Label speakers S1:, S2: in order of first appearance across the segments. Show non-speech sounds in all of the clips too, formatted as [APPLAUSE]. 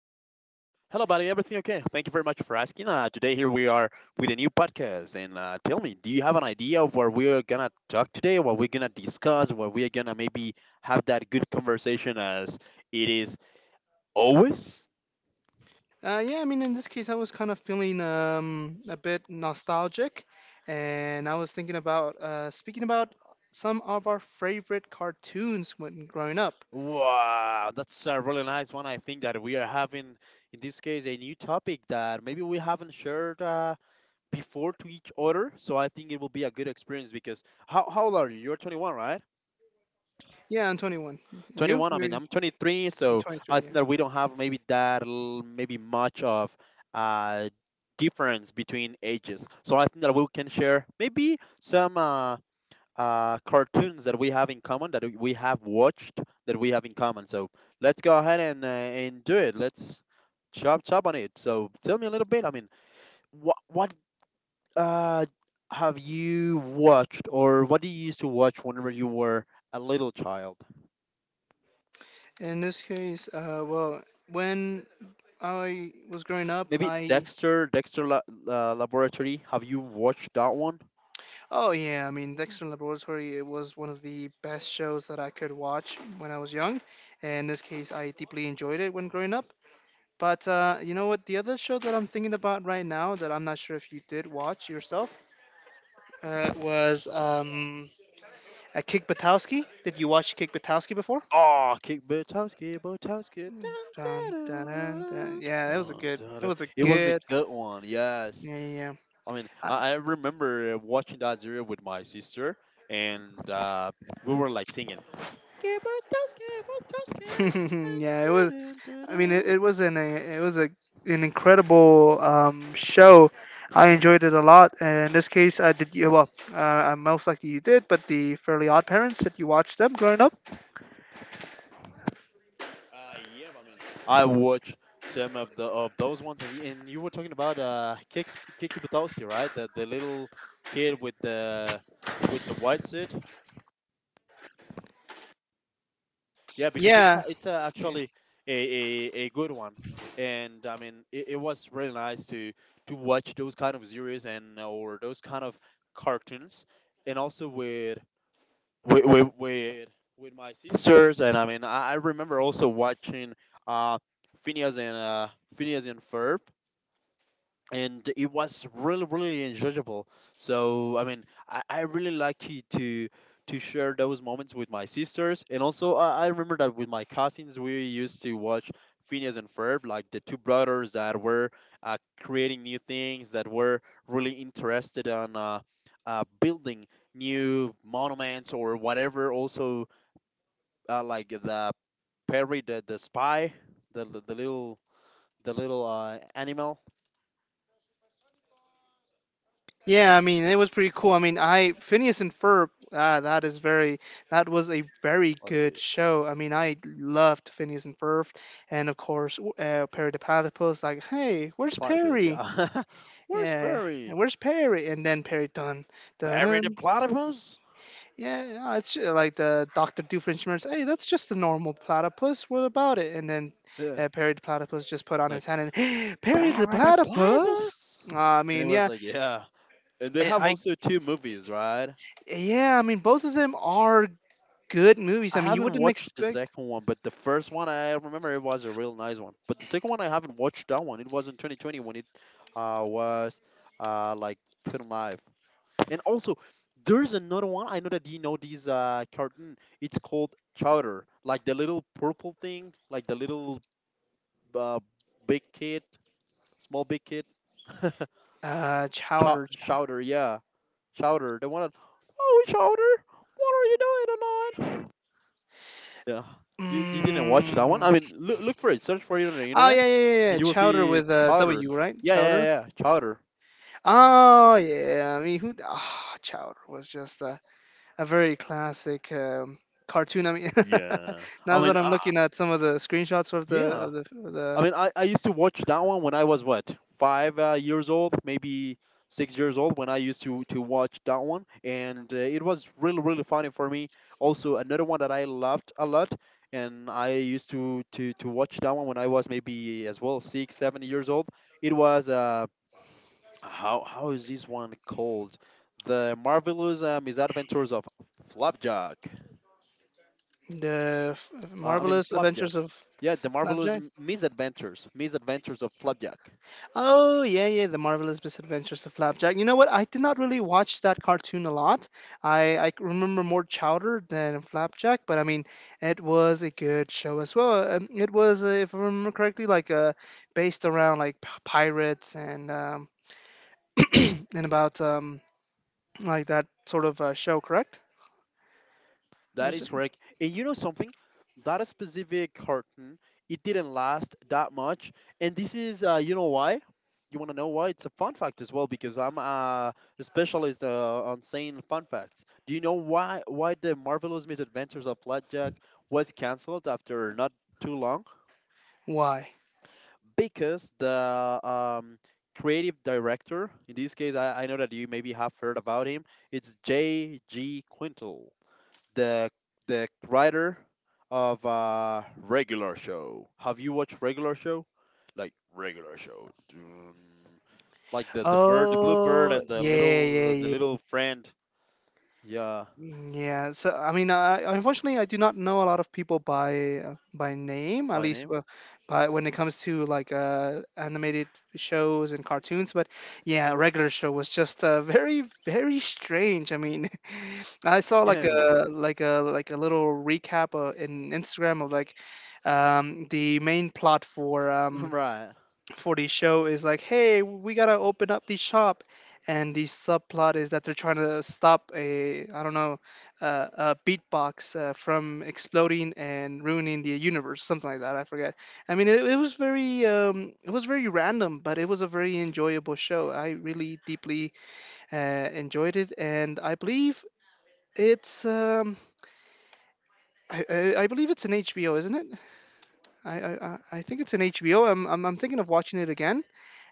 S1: Hello, buddy. Everything okay? Thank you very much for asking. Today here we are with a new podcast, and tell me, do you have an idea of what we are gonna talk today? What we're gonna discuss? What we are gonna maybe have that good conversation as it is always?
S2: Yeah, I mean, in this case, I was kind of feeling a bit nostalgic, and I was thinking about speaking about some of our favorite cartoons when growing up.
S1: Wow, that's a really nice one. I think that we are having in this case a new topic that maybe we haven't shared before to each other. So I think it will be a good experience because how old are you? You're 21, right?
S2: Yeah, I'm 21. You?
S1: 21, I
S2: You're,
S1: mean I'm 23,
S2: you're
S1: so I
S2: 23,
S1: think
S2: yeah.
S1: that we don't have maybe maybe much of uh difference between ages, so I think that we can share maybe some cartoons that we have in common, that we have watched, that we have in common. So let's go ahead and do it. Let's chop chop on it. So tell me a little bit, I mean, what uh have you watched, or what do you used to watch whenever you were a little child?
S2: In this case, well, when I was growing up,
S1: Maybe
S2: I...
S1: Dexter, Dexter Laboratory. Have you watched that one?
S2: Oh yeah, I mean Dexter Laboratory. It was one of the best shows that I could watch when I was young, and in this case, I deeply enjoyed it when growing up. But you know what? The other show that I'm thinking about right now that I'm not sure if you did watch yourself was a Kick Buttowski. Did you watch Kick Buttowski before?
S1: Oh, Kick Butowski, Butowski. Dun,
S2: Dun, dun, dun, dun.
S1: da-da-da-dun,
S2: Yeah, it was a
S1: dun,
S2: good. It
S1: da-da.
S2: was a
S1: It was a
S2: good.
S1: good one, yes.
S2: Yeah, yeah, yeah.
S1: I mean,
S2: I-
S1: I remember watching that series with my sister, and we were like singing. "Kick Butowski, Butowski,
S2: [LAUGHS]
S1: dun,
S2: yeah. It was.
S1: da-dun,
S2: I mean, it,
S1: da-dun."
S2: it was an a, it was a, an incredible show. I enjoyed it a lot. And in this case, I did. Yeah, well, I most likely you did, but the Fairly Odd Parents that you watched them growing up.
S1: Yeah, I mean, I watched some of the of those ones, and, and you were talking about Kiki Butowski, right? the little kid with the white suit. Yeah, because
S2: Yeah, yeah,
S1: actually a, a good one, and I mean it was really nice to watch those kind of series and or those kind of cartoons, and also with with with, with my sisters. And I mean, I remember also watching uh, Phineas and uh, Phineas and Ferb, and it was really really enjoyable. So I mean, I really lucky to to share those moments with my sisters. And also I remember that with my cousins we used to watch Phineas and Ferb, like the two brothers that were creating new things, that were really interested on building new monuments or whatever. Also like the spy, the, the the little the little animal.
S2: yeah. I mean, it was pretty cool. I mean, I... Phineas and Ferb. Ah, that is very. That was a very
S1: What a
S2: good
S1: about
S2: show. I mean, I loved Phineas and Ferb, and of course, Perry the Platypus. Like, hey,
S1: the
S2: where's
S1: platypus,
S2: Perry?
S1: yeah. [LAUGHS] Where's
S2: Yeah, and
S1: Barry?
S2: where's Perry? And then Perry done.
S1: Barry the
S2: Done.
S1: platypus?
S2: Yeah, it's like the Doctor Doofenshmirtz. Hey, that's just a normal platypus. What about it? And then
S1: Yeah.
S2: Perry the platypus just put on
S1: Like,
S2: his hand and [GASPS] Perry the
S1: Barry the
S2: platypus.
S1: platypus?
S2: I
S1: And it
S2: mean,
S1: was
S2: yeah,
S1: like, yeah. And they
S2: I,
S1: have
S2: I-
S1: also two movies, right?
S2: yeah, I mean, both of them are good movies.
S1: I
S2: I mean, you
S1: haven't
S2: wouldn't
S1: watched the
S2: expect...
S1: second one, but the first one I remember it was a real nice one. But the second one I haven't watched that one. It was in 2020 when it was like put on live. And also, there's another one I know that you know this cartoon. It's called Chowder, like the little purple thing, like the little uh, big kid, small big kid, [LAUGHS]
S2: Chowder.
S1: Chowder, yeah, Chowder, the one that, oh Chowder, what are you doing tonight? Yeah, you didn't watch that one. I
S2: Mm.
S1: mean, look for it, search for it on the
S2: Oh
S1: internet,
S2: yeah, yeah, yeah, yeah.
S1: and you will
S2: Chowder
S1: see
S2: with a
S1: Chowder.
S2: W, right?
S1: Yeah, yeah,
S2: Chowder.
S1: yeah, Chowder.
S2: Oh yeah, I mean, who? Ah, Chowder was just a very classic cartoon. I mean,
S1: Yeah,
S2: [LAUGHS]
S1: I
S2: now
S1: mean,
S2: that I'm looking at some of the screenshots of
S1: yeah, I used to watch that one when I was what five years old, maybe 6 years old, when I used to watch that one, and it was really really funny for me. Also, another one that I loved a lot, and I used to watch that one when I was maybe as well 6 7 years old. It was how is this one called? The Marvelous Misadventures of Flapjack.
S2: the
S1: I mean
S2: marvelous adventures
S1: Flapjack.
S2: of
S1: Yeah, the Marvelous
S2: Flapjack.
S1: Misadventures of Flapjack.
S2: Oh yeah, yeah, the marvelous misadventures of Flapjack. You know what? I did not really watch that cartoon a lot. I remember more Chowder than Flapjack, but I mean, it was a good show as well. And it was, if I remember correctly, like based around like pirates and [CLEARS THROAT] and about like that sort of show, correct?
S1: That
S2: Was
S1: is
S2: it?
S1: correct. And you know something? That specific carton, it didn't last that much. And this is, you know why? You want to know why? It's a fun fact as well because I'm a specialist on saying fun facts. Do you know why the Marvelous Misadventures of Blackjack was canceled after not too long?
S2: Why?
S1: Because the creative director, in this case, I know that you maybe have heard about him. It's J.G. Quintel, the writer of Regular Show. Have you watched Regular Show? Like Regular Show, dun. Like the bird, the blue bird,
S2: Oh,
S1: and the
S2: yeah, yeah, yeah,
S1: little friend. Yeah,
S2: mm, yeah. So, I mean, I, unfortunately, I do not know a lot of people by name, at
S1: my
S2: least
S1: name. [LAUGHS]
S2: by when it comes to like animated shows and cartoons. But yeah, a regular show was just very, very strange. I mean, [LAUGHS] I saw
S1: Yeah,
S2: like
S1: it was
S2: a little recap in Instagram of like the main plot for
S1: [LAUGHS]
S2: um,
S1: right.
S2: for the show is like, hey, we gotta open up the shop, and the subplot is that they're trying to stop a, I don't know, a beatbox from exploding and ruining the universe, something like that. I forget. I mean, it was very random, but it was a very enjoyable show. I really deeply uh, enjoyed it, and I believe. It's um, I believe it's an HBO, isn't it? I think it's an HBO. I'm thinking of watching it again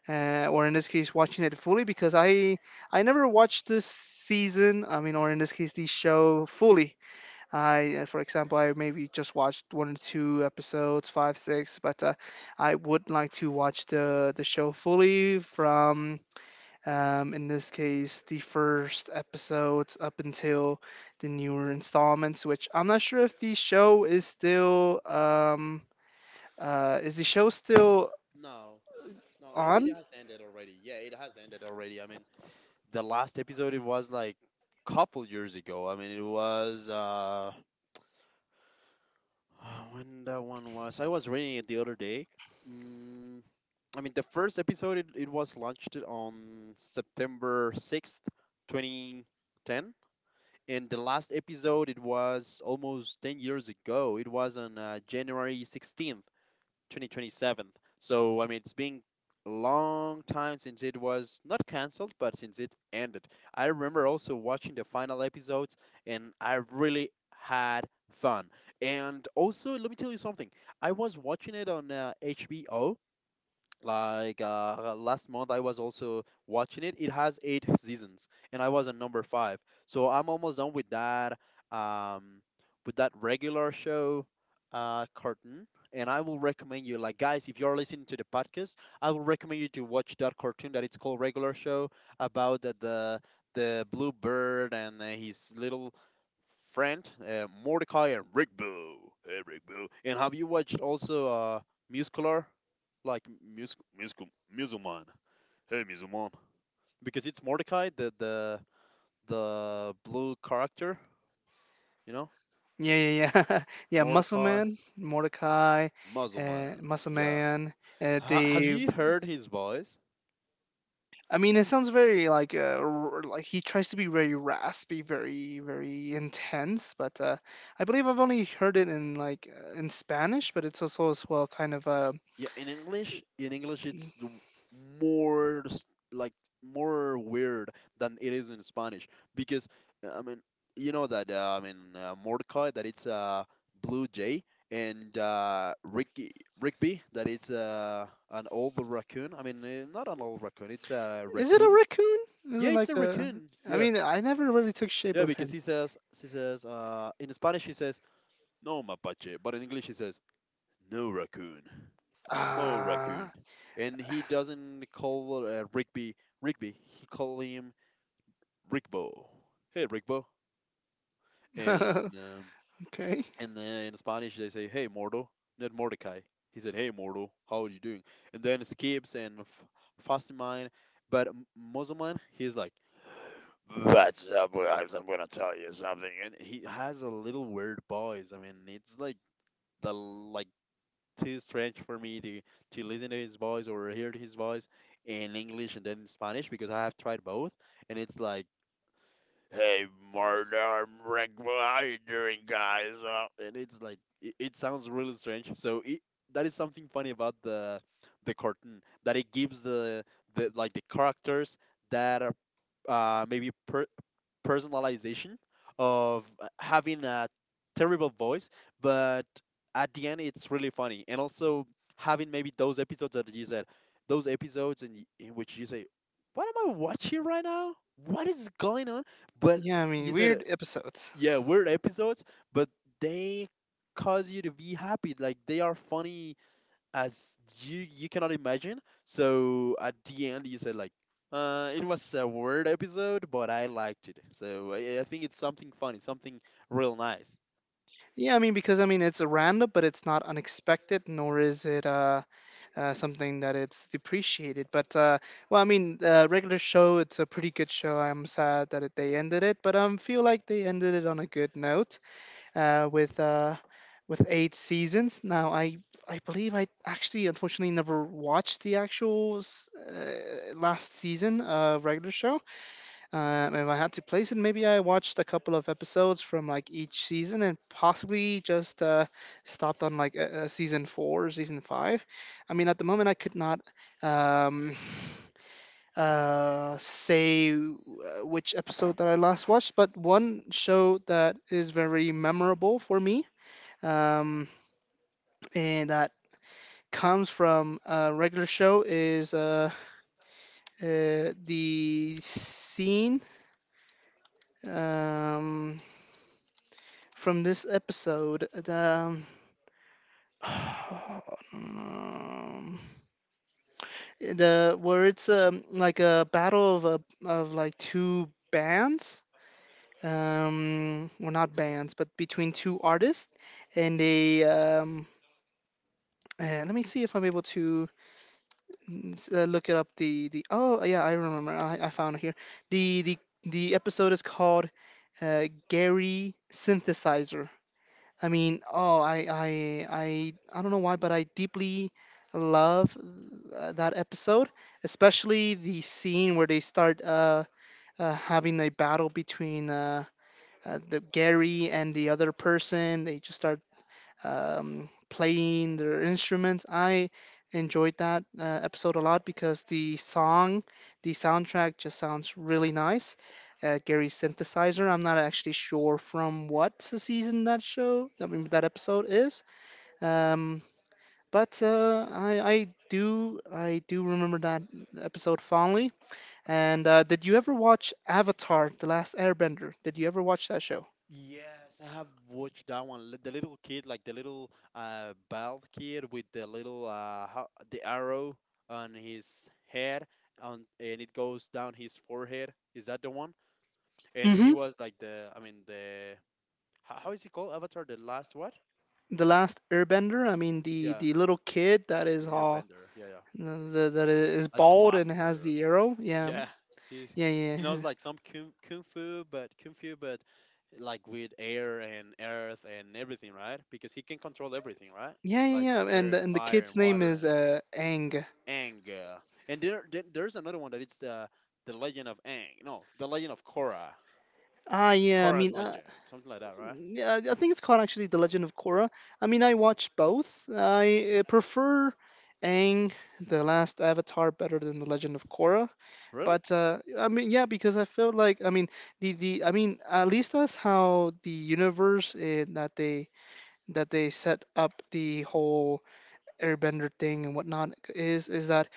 S2: or in this case watching it fully because I never watched this season, I mean, or in this case the show fully. I, for example, I maybe just watched one or two episodes 5 6, but I would like to watch the show fully from in this case the first episodes up until the newer installments, which I'm not sure if the show is still is the show still
S1: No, it
S2: on.
S1: has ended already. Yeah, it has ended already. I mean, the last episode it was like couple years ago. I mean, it was [SIGHS] when that one was. I was reading it the other day. Mm, I mean, the first episode it was launched on September 6th, 2010, and the last episode it was almost 10 years ago. It was on January 16th, 2027. So I mean, it's been a long time since it was not canceled, but since it ended. I remember also watching the final episodes, and I really had fun. And also, let me tell you something. I was watching it on HBO, like last month, I was also watching it. It has eight seasons, and I was on number five. So I'm almost done um, with that Regular Show cartoon. And I will recommend you, like guys, if you're listening to the podcast, I will recommend you to watch that cartoon that it's called Regular Show, about the blue bird and his little friend Mordecai and Rigby. Hey, Rigby. And have you watched also Muscular? Like musical Musulman. Hey Musulman. Because it's Mordecai, the blue character, you know?
S2: Yeah, yeah, yeah. [LAUGHS] Yeah, Muscle
S1: Mordecai
S2: Man, Mordecai,
S1: Musulman.
S2: Muscle
S1: Yeah.
S2: Man. Uh,
S1: Have
S2: they,
S1: you heard his voice?
S2: I mean, it sounds very like like he tries to be very raspy, very, very intense. But I believe I've only heard it in like in Spanish, but it's also as well kind of a...
S1: Yeah, in English, it's more s- like more weird than it is in Spanish, because I mean, you know that Mordecai that it's a blue jay, and Ricky Rigby, that it's an old raccoon. I mean, not an old raccoon, it's a
S2: Is it a
S1: raccoon.
S2: raccoon? Is it
S1: Yeah, it's
S2: like
S1: a
S2: a?
S1: raccoon.
S2: I
S1: Yeah,
S2: mean, I never really took shape
S1: yeah,
S2: of
S1: because
S2: him.
S1: he says in Spanish he says no mapache, but in English he says no raccoon. No raccoon.
S2: Ah,
S1: And he doesn't call Rigby Rigby. He call him Rigbo. Hey, Rigbo.
S2: [LAUGHS]
S1: And
S2: okay.
S1: then in Spanish they say, "Hey, Mordo, not Mordecai. He said, "Hey, Mordo, how are you doing?" And then it skips and Fasimine, but Mozoman, he's like, "Well, I'm something, something," and he has a little weird voice. I mean, it's like the like too strange for me to listen to his voice or hear his voice in English and then in Spanish, because I have tried both, and it's like, hey, partner, break one up," and it's like it sounds really strange. So that is something funny about the cartoon, that it gives the characters that maybe personalization of having a terrible voice, but at the end it's really funny. And also having maybe those episodes that you said, those episodes in, in which you say, "What am I watching right now? What is going on?" But
S2: Yeah, I mean,
S1: you said,
S2: weird episodes.
S1: "Yeah, weird episodes, but they cause you to be happy. Like they are funny as you cannot imagine. So at the end, you said like, it was a weird episode, but I liked it. So I think it's something funny, something real nice.
S2: Yeah, I mean, because I mean, it's a random, but it's not unexpected, nor is it something that it's depreciated. But well, I mean, regular show, it's a pretty good show. I'm sad that it, they ended it, but I feel like they ended it on a good note uh, with uh, with eight seasons. Now, I believe I actually unfortunately never watched the actual last season of regular show. If I had to place it, maybe I watched a couple of episodes from like each season and possibly just stopped on like season four, or season five. I mean, at the moment, I could not um, [SIGHS] uh, say w- which episode that I last watched, but one show that is very memorable for me um, and that comes from a regular show is the scene. Um, from this episode. Um, [SIGHS] the where it's like a battle of a, of like two bands. Well, not bands, but between two artists, and they let me see if I'm able to look it up. The Oh yeah, I remember. I found it here. The the the episode is called Gary Synthesizer. I mean, oh, I don't know why, but I deeply love that episode, especially the scene where they start having a battle between the Gary and the other person. They just start playing their instruments. I enjoyed that episode a lot because the song, the soundtrack just sounds really nice. Gary's synthesizer. I'm not actually sure from what season that show, I mean, that episode is. Um, but I do remember that episode fondly. And did you ever watch Avatar: The Last Airbender? Did you ever watch that show?
S1: Yes, I have watched that one. The little kid, like the little bald kid with the little the arrow on his head, on and it goes down his forehead. Is that the one? And he was like the, I mean the, how is he called? Avatar, the last what?
S2: The Last Airbender. I mean,
S1: Yeah,
S2: the little kid that
S1: the
S2: is all
S1: Airbender. Yeah, yeah.
S2: the that is
S1: Like the
S2: bald and has
S1: master.
S2: the arrow. Yeah,
S1: Yeah, he's
S2: yeah, yeah,
S1: he knows
S2: yeah,
S1: like some kung fu, but like with air and earth and everything, right? Because he can control everything, right?
S2: yeah,
S1: Like
S2: yeah. Yeah.
S1: air and
S2: And the
S1: fire and
S2: kid's name
S1: water and
S2: is Aang.
S1: Aang. And there's another one that it's the legend of Aang. No, the legend of Korra.
S2: Ah, yeah.
S1: Korra's legend, something like that, right?
S2: Yeah, I think it's called actually The Legend of Korra. I mean, I watched both. I prefer Aang, The Last Avatar, better than The Legend of Korra.
S1: Really?
S2: But I mean, yeah, because I felt like I mean the I mean at least that's how the universe that they set up the whole airbender thing and whatnot is that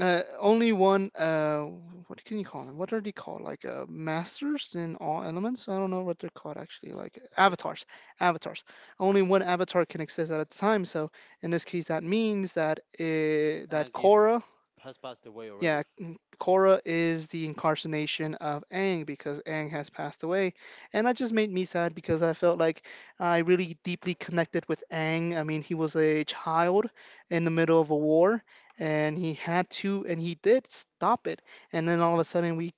S2: only one what can you call them, what are they called like masters in all elements, I don't know what they're called actually, like
S1: Okay.
S2: avatars, avatars, only one avatar can exist at a time. So in this case that means that that
S1: Aang is
S2: Korra...
S1: has passed away already.
S2: Yeah, Korra is the incarnation of Aang because Aang has passed away. And that just made me sad because I felt like I really deeply connected with Aang. I mean, he was a child in the middle of a war and he had to, and he did stop it. And then all of a sudden we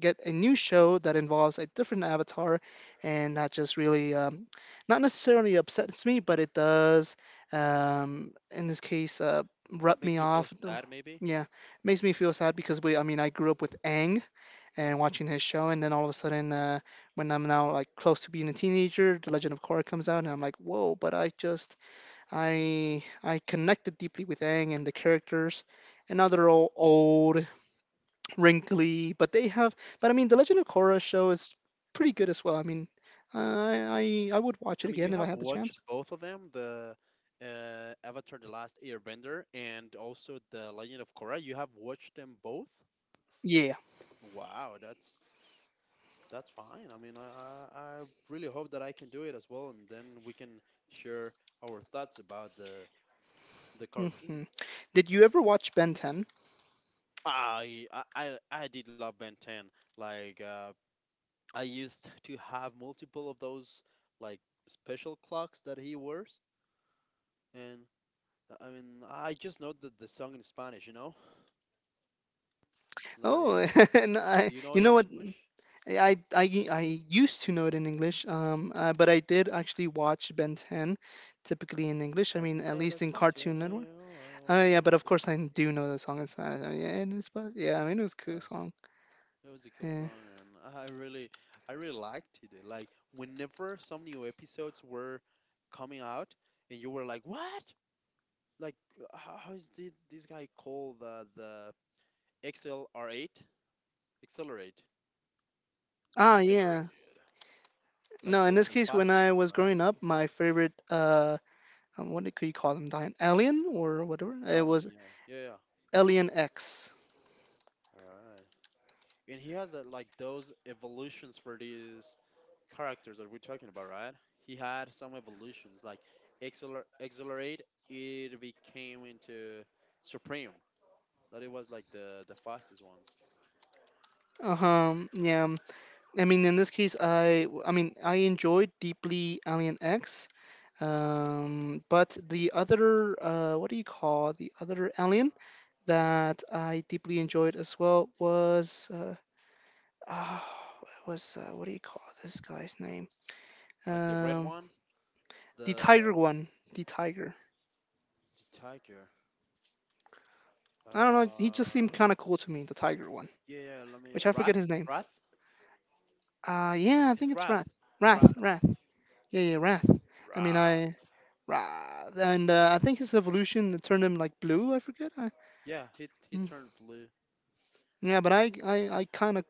S2: get a new show that involves a different avatar, and that just really not necessarily upsets me, but it does, in this case, rub
S1: Makes
S2: me
S1: you feel
S2: off.
S1: sad, maybe.
S2: Yeah, makes me feel sad because we, I mean, I grew up with Aang and watching his show, and then all of a sudden, when I'm now like close to being a teenager, The Legend of Korra comes out, and I'm like, whoa! But I just, I connected deeply with Aang and the characters, and now they're all old wrinkly, but they have. But I mean, the Legend of Korra show is pretty good as well. I mean, I would
S1: I
S2: watch it
S1: mean, you
S2: again if
S1: have
S2: I had the
S1: watched
S2: chance.
S1: both of them, the Avatar: The Last Airbender and also the Legend of Korra. You have watched them both?
S2: Yeah.
S1: Wow, that's fine. I mean, I really hope that I can do it as well, and then we can share our thoughts about the
S2: Hmm.
S1: cartoon.
S2: Did you ever watch Ben 10?
S1: I did love Ben 10. Like I used to have multiple of those like special clocks that he wears, and I mean I just know the song in Spanish.
S2: Oh,
S1: Like,
S2: [LAUGHS] and I,
S1: do you
S2: you
S1: know it
S2: know
S1: in
S2: what?
S1: English?
S2: I used to know it in English, but I did actually watch Ben 10 typically in English. I
S1: Like,
S2: mean, at least in
S1: Despacito,
S2: Cartoon Network.
S1: I don't
S2: Yeah,
S1: want
S2: but
S1: you
S2: of
S1: to
S2: course I
S1: say
S2: do know the song in Spanish. I yeah, it is, but yeah, I mean, it was a cool
S1: no.
S2: song.
S1: Yeah, it was a cool
S2: Yeah.
S1: song, and [LAUGHS] I really liked it. Like, whenever some new episodes were coming out, and you were like, "What? Like, how, this guy called the XLR8? Accelerate?
S2: Ah, yeah.
S1: Exhilarated.
S2: No,
S1: Like
S2: in
S1: the
S2: this
S1: the
S2: case, when I
S1: fastest one,
S2: was
S1: right?
S2: growing up, my favorite what could you call them? Alien or whatever? It was
S1: Yelling, yeah, yeah, yeah.
S2: Alien X.
S1: All right. And he has like those evolutions for these characters that we're talking about, right? He had some evolutions like Exhilarate, it became into Supreme. That it was like the fastest ones.
S2: Uh huh. yeah. um, I mean, in this case, I mean, I enjoyed deeply Alien X. But the
S1: It's wha-
S2: other what do you call the other Alien that I deeply enjoyed as well was oh, it was what do you call this guy's name?
S1: Like the red
S2: Um,
S1: one,
S2: the tiger
S1: the
S2: one, the tiger.
S1: the tiger.
S2: I don't know. He just seemed
S1: Uh,
S2: kind of cool to me, the tiger one,
S1: yeah, yeah, let me.
S2: which I forget
S1: Wrath,
S2: his name.
S1: Wrath.
S2: Yeah, I think
S1: It's
S2: it's
S1: Wrath,
S2: Wrath. Wrath,
S1: Wrath,
S2: Wrath. Yeah, yeah, Wrath. I mean, I
S1: Wrath.
S2: Wrath, and I think his evolution turned him like blue. I forget. I,
S1: Yeah, he
S2: mm.
S1: turned blue.
S2: Yeah, but I kind of.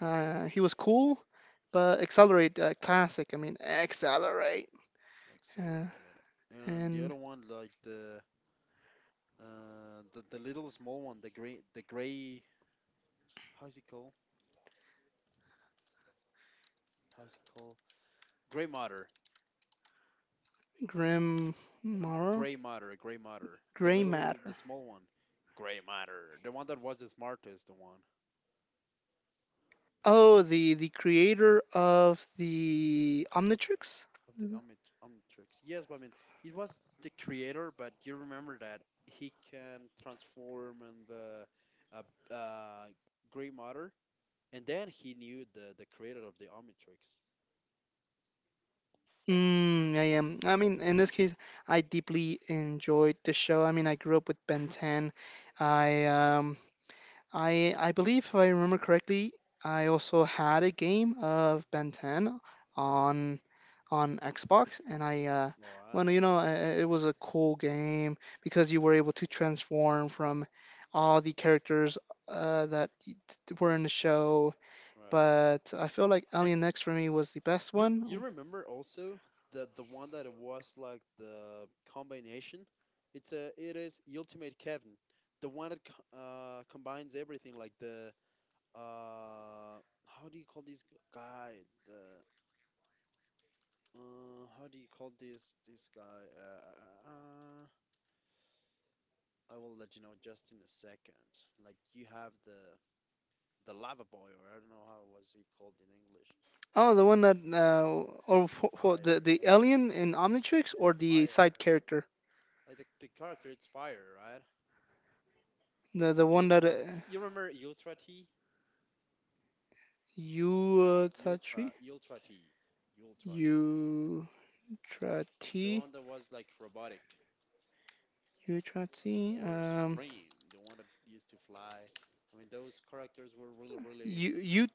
S2: He was cool, but accelerate classic. I mean, accelerate. Uh,
S1: Accelerate. And the
S2: and
S1: other one, like the the little small one, the gray, the gray. How is it called? How is it called? Gray matter,
S2: Grim Mar
S1: Gray matter. The
S2: Gray
S1: little,
S2: Matter.
S1: the small one, gray matter. The one that was the smartest, the one
S2: Oh, the creator of the Omnitrix.
S1: of the Omnitrix. Yes, but I mean, it was the creator. But you remember that he can transform in the uh, uh, gray matter, and then he knew the creator of the Omnitrix.
S2: Mm, I am. I mean, in this case, I deeply enjoyed the show. I mean, I grew up with Ben 10. I um, I believe if I remember correctly, I also had a game of Ben 10
S1: Right.
S2: on on Xbox, and I
S1: All
S2: well, no, you
S1: right.
S2: know, I- it was a cool game because you were able to transform from all the characters that were in the show.
S1: Right.
S2: But I feel like Alien X for me was the best
S1: You
S2: one.
S1: you remember also that the one that it was like the combination? It is Ultimate Kevin, the one that combines everything like the uh, how do you call this g- guy the uh, how do you call this guy uh, uh, I will let you know just in a second. Like you have the lava boy, or I don't know how was he called in English,
S2: Oh, the
S1: like
S2: one that or
S1: like
S2: wh- wh-
S1: fire,
S2: The
S1: yeah,
S2: alien in Omnitrix or
S1: yeah,
S2: the side
S1: fire,
S2: character,
S1: like the character it's fire, right?
S2: the one that
S1: Ultra. You remember Ultra T?
S2: you Tatri,
S1: Ultra, Ultra T, Ultra T.
S2: you
S1: The
S2: T,
S1: one that was like robotic
S2: you T,
S1: or supreme, the one that used to fly. I mean, those characters were really, really
S2: you you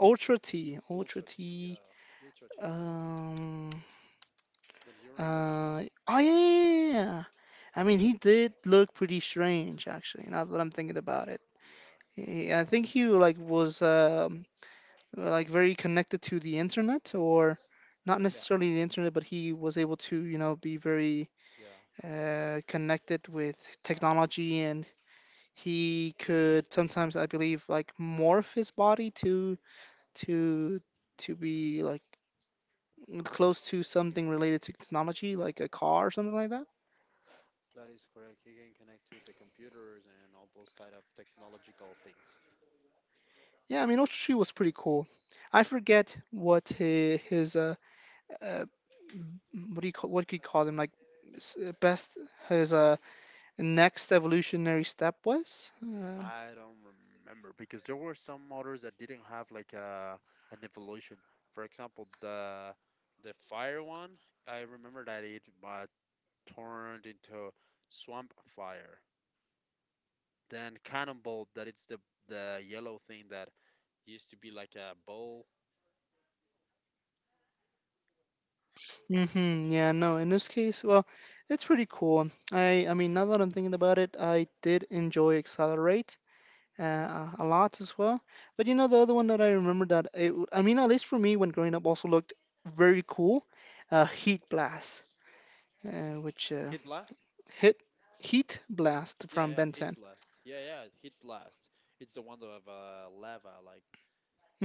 S2: Ultra T, Ultra
S1: Ultra T.
S2: T,
S1: Yeah, Ultra T.
S2: um,
S1: Don't you remember that one?
S2: oh yeah. Yeah, yeah, yeah. I mean, he did look pretty strange actually. Now that I'm thinking about it,
S1: Yeah,
S2: I think he like was like very connected to the internet or not
S1: yeah,
S2: necessarily the internet, but he was able to be very
S1: yeah.
S2: connected with technology, and he could sometimes I believe like morph his body to to be like close to something related to technology, like a car or something like that.
S1: That is correct. He can connect to the computers and all those kind of technological things.
S2: Yeah, I mean Otsutsu was pretty cool. I forget what his uh, what do you call what could you call them, like best his next evolutionary step was?
S1: I don't remember because there were some motors that didn't have like a an evolution. For example, the fire one, I remember that it turned into swamp fire. Then cannonball, that it's the yellow thing that used to be like a bowl.
S2: Yeah, no, in this case, well, it's pretty cool. I mean, now that I'm thinking about it, I did enjoy Accelerate a lot as well. But you know, the other one that I remember that I mean, at least for me when growing up, also looked very cool. Heat Blast, which
S1: Heat blast?
S2: hit Heat Blast
S1: Yeah,
S2: from
S1: yeah,
S2: Ben
S1: heat
S2: 10.
S1: blast. Yeah, yeah, heat blast. It's the one that have lava, like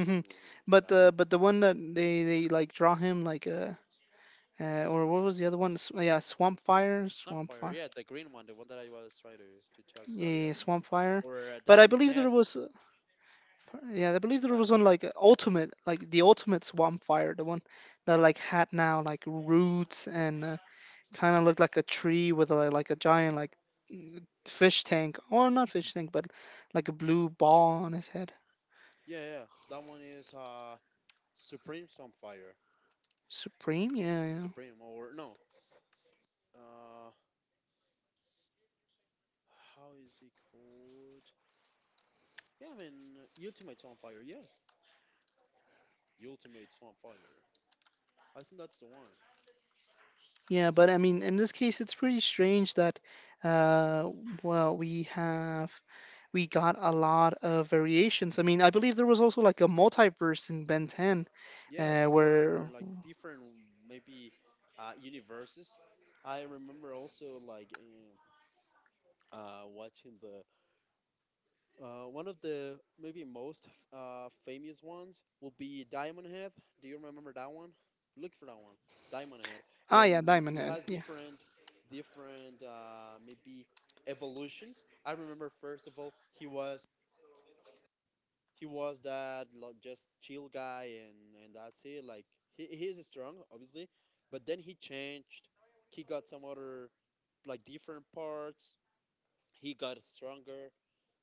S1: some
S2: But
S1: lava.
S2: the one that they like draw him like or what was the other one? Yeah, Swamp Fire, Swamp.
S1: Snapfire, yeah, the green one, the one that I was trying to talk about,
S2: Yeah,
S1: yes.
S2: Swampfire.
S1: Or a
S2: But I
S1: diamond
S2: believe there
S1: head.
S2: was, yeah, I believe there was one
S1: Diamond. Head.
S2: like ultimate, like the ultimate Swampfire, the one that like had now like roots and kind of looked like a tree with a, like a giant like fish tank, or not fish tank, but like a blue ball on his head.
S1: Yeah, yeah. That one is Supreme Sunfire.
S2: Supreme, yeah, yeah.
S1: Supreme or no? Uh, how is it called? Yeah, I mean Ultimate Sunfire. Yes, Ultimate Sunfire. I think that's the one.
S2: Yeah, but I mean, in this case, it's pretty strange that, uh, we have, we got a lot of variations. I mean, I believe there was also like a multiverse in Ben 10,
S1: Yeah,
S2: uh,
S1: there
S2: where,
S1: were like different maybe uh, universes. I remember also like watching the one of the maybe most famous ones will be Diamond Head. Do you remember that one? Look for that one, Diamond Head,
S2: ah, yeah,
S1: and
S2: Diamond
S1: it
S2: Head.
S1: has
S2: Yeah.
S1: different, different maybe evolutions. I remember first of all he was just chill guy and that's it. Like he is strong obviously, but then he changed. He got some other like different parts. He got stronger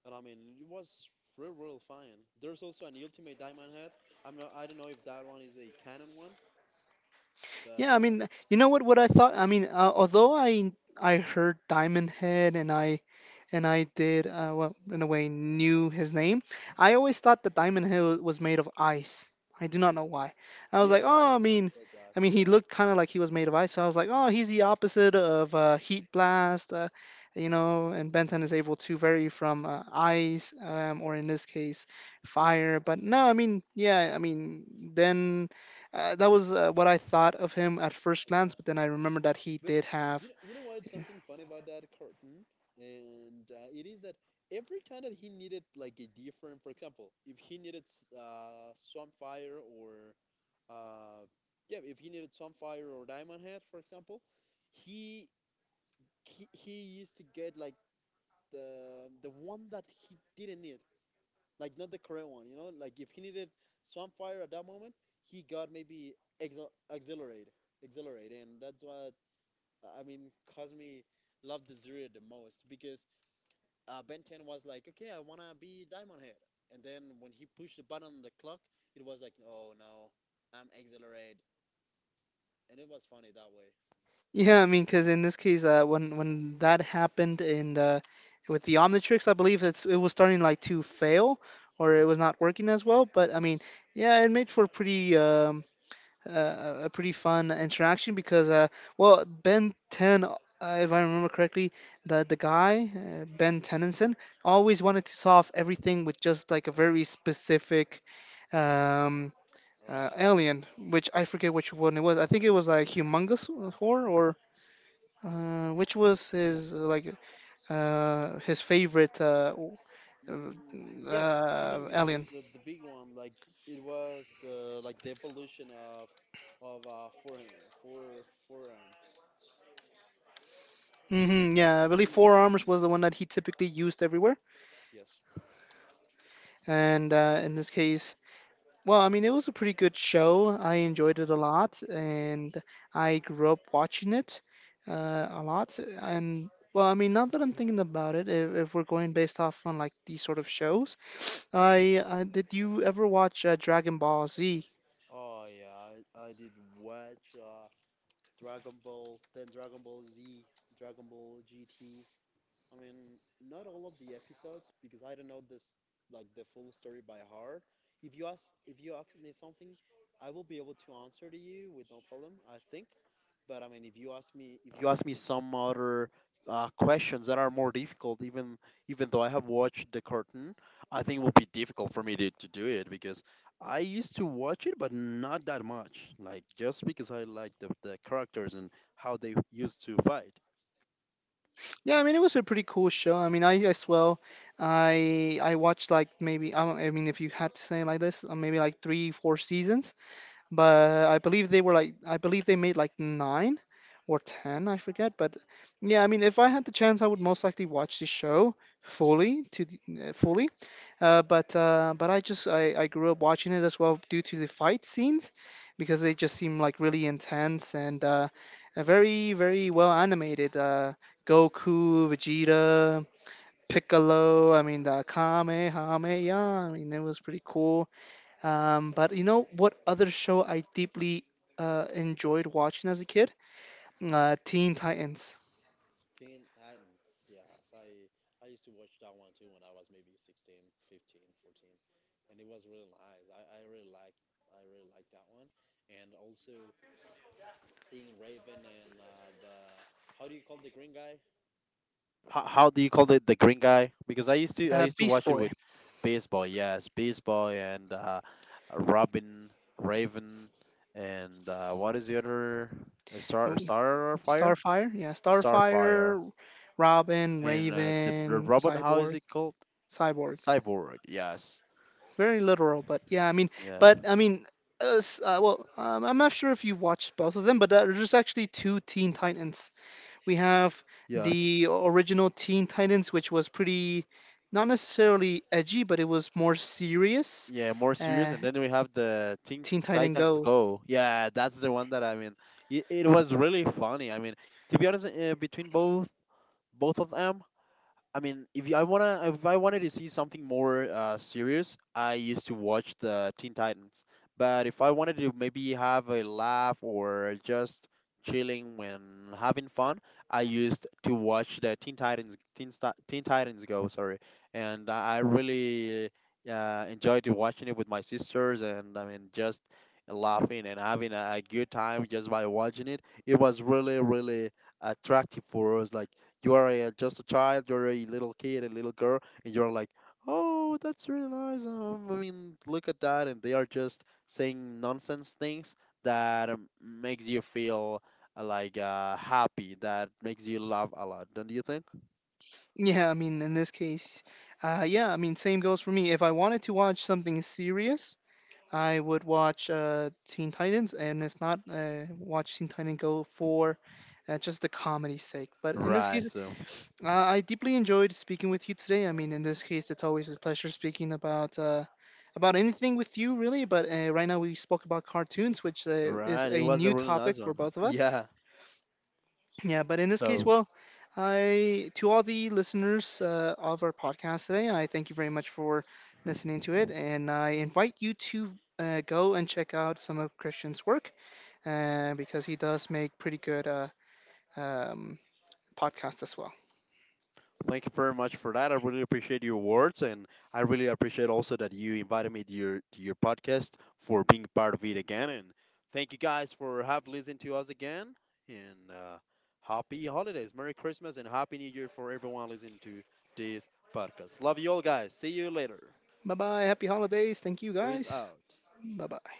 S1: and I mean, it was real, real fine. There's also an Ultimate Diamond Head. I'm not. I don't know if that one is a canon one,
S2: Yeah, I
S1: but
S2: mean, you know what? What I thought. I mean, although I heard Diamond Head and I did well, in a way knew his name. I always thought that Diamond Head was made of ice. I do not know why. I was
S1: yeah,
S2: like,
S1: I
S2: oh,
S1: also thought that.
S2: I mean,
S1: Yeah,
S2: he looked kind of like he was made of ice. So I was like, oh, he's the opposite of Heat Blast. You know, and Benton is able to vary from ice, or in this case, fire. But no, I mean, yeah, I mean, then that was what I thought of him at first
S1: right.
S2: glance, but then I remembered that he
S1: But
S2: did have.
S1: you know what? It's something funny about that cartoon, and it is that every time that he needed like a different, for example, if he needed Swamp Fire or uh, yeah, if he needed Swamp Fire or Diamond Head, for example, he he used to get like the one that he didn't need, like not the correct one. You know, like if he needed Swampfire at that moment, he got maybe Exhilarate, Exhilarate, and that's what I mean. Cosme loved the Zuri the most because Ben 10 was like, okay, I wanna be Diamond Head, and then when he pushed the button on the clock, it was like, oh no, I'm Exhilarate, and it was funny that way.
S2: Yeah, I mean, because in this case, when that happened in the with the Omnitrix, I believe it was starting like to fail or it was not working as well. But I mean, yeah, it made for pretty a pretty fun interaction because well, Ben Ten, if I remember correctly, the guy Ben Tennyson always wanted to solve everything with just like a very specific. Um,
S1: Right.
S2: Alien, which I forget which one it was. I think it was like Humongous Horror or which was his his favorite
S1: Mm, yep, humongous.
S2: alien.
S1: The big one, like it was the like the evolution of four four forearms. Yeah,
S2: Yeah, I believe Four
S1: humongous.
S2: Arms was the one that he typically used everywhere,
S1: Yes.
S2: and in this case. Well, I mean, it was a pretty good show. I enjoyed it a lot, and I grew up watching it a lot. And well, I mean, now that I'm thinking about it, if we're going based off on like these sort of shows, I did you ever watch Dragon Ball Z?
S1: Oh yeah, I did watch uh, Dragon Ball, then Dragon Ball Z, Dragon Ball GT. I mean, not all of the episodes because I don't know this like the full story by heart. If you ask me something, I will be able to answer to you with no problem, I think. But I mean, if you ask me some other questions that are more difficult, even even though I have watched the cartoon, I think it will be difficult for me to do it because I used to watch it, but not that much. Like just because I like the characters and how they used to fight.
S2: Yeah, I mean it was a pretty cool show. I mean, I as well, I watched like maybe I, don't- I mean if you had to say it like this, maybe like three, four seasons. But I believe they were like I believe they made like nine or ten, I forget. But yeah, I mean, if I had the chance, I would most likely watch the show fully to the, fully. But I just I grew up watching it as well due to the fight scenes because they just seem like really intense and very very well animated. Goku, Vegeta. Piccolo, I mean the Kamehameha, I mean it was pretty cool. But you know what other show I deeply enjoyed watching as a kid? Teen Titans,
S1: Teen Titans. Yes, I used to watch that one too when I was maybe 16, 15, 14, and it was really nice. I really like that one, and also seeing Raven and the how do you call the green guy? How do you call it the green guy? Because I used to
S2: Beast
S1: watch it
S2: Boy,
S1: with baseball. Yes, baseball and Robin, Raven, and what is the other
S2: oh,
S1: Starfire?
S2: Starfire, yeah,
S1: Starfire.
S2: Starfire, Robin,
S1: And the r-
S2: Raven,
S1: robot, how is
S2: Cyborg,
S1: it called?
S2: Cyborg.
S1: Cyborg. Yes.
S2: Very literal, but yeah, I mean,
S1: Yeah.
S2: but I mean, I'm not sure if you watched both of them, but there's actually two Teen Titans. We have
S1: Yes.
S2: the original Teen Titans, which was pretty, not necessarily edgy, but it was more serious.
S1: Yeah. More serious.
S2: Uh,
S1: And then we have the Teen
S2: Teen Titan
S1: Titans
S2: Go. [LAUGHS]
S1: Go. Yeah, that's the one that I mean. It was really funny. I mean, to be honest, between both of them, I mean, if you- I wanna, if I wanted to see something more serious, I used to watch the Teen Titans. But if I wanted to maybe have a laugh or just chilling when having fun, I used to watch the Teen Titans Go. Sorry, and I really enjoyed watching it with my sisters, and I mean just laughing and having a good time just by watching it. It was really, really attractive for us, like you are a, just a child. You're a little kid, a little girl, and you're like, "Oh, that's really nice." I mean, look at that, and they are just saying nonsense things that makes you feel like happy. That makes you laugh a lot, don't you think?
S2: Yeah, I mean, in this case, yeah, I mean, same goes for me. If I wanted to watch something serious, I would watch Teen Titans, and if not, watch Teen Titan Go for just the comedy's sake. But in this
S1: Right.
S2: case,
S1: So,
S2: I deeply enjoyed speaking with you today. I mean, in this case, it's always a pleasure speaking about anything with you, really. But right now, we spoke about cartoons, which is
S1: right. It
S2: a
S1: was a
S2: new
S1: really
S2: topic
S1: nice
S2: for
S1: one.
S2: both of us.
S1: Yeah.
S2: Yeah, but in this case,
S1: So.
S2: well, I to all the listeners of our podcast today, I thank you very much for listening to it, and I invite you to go and check out some of Christian's work because he does make pretty good um, podcasts as well.
S1: Thank you very much for that. I really appreciate your words, and I really appreciate also that you invited me to your podcast for being part of it again. And thank you guys for have listened to us again. And happy holidays, Merry Christmas, and Happy New Year for everyone listening to this podcast. Love you all, guys. See you later.
S2: Bye bye, happy holidays, thank you
S1: Chris
S2: guys.
S1: out.
S2: Bye bye.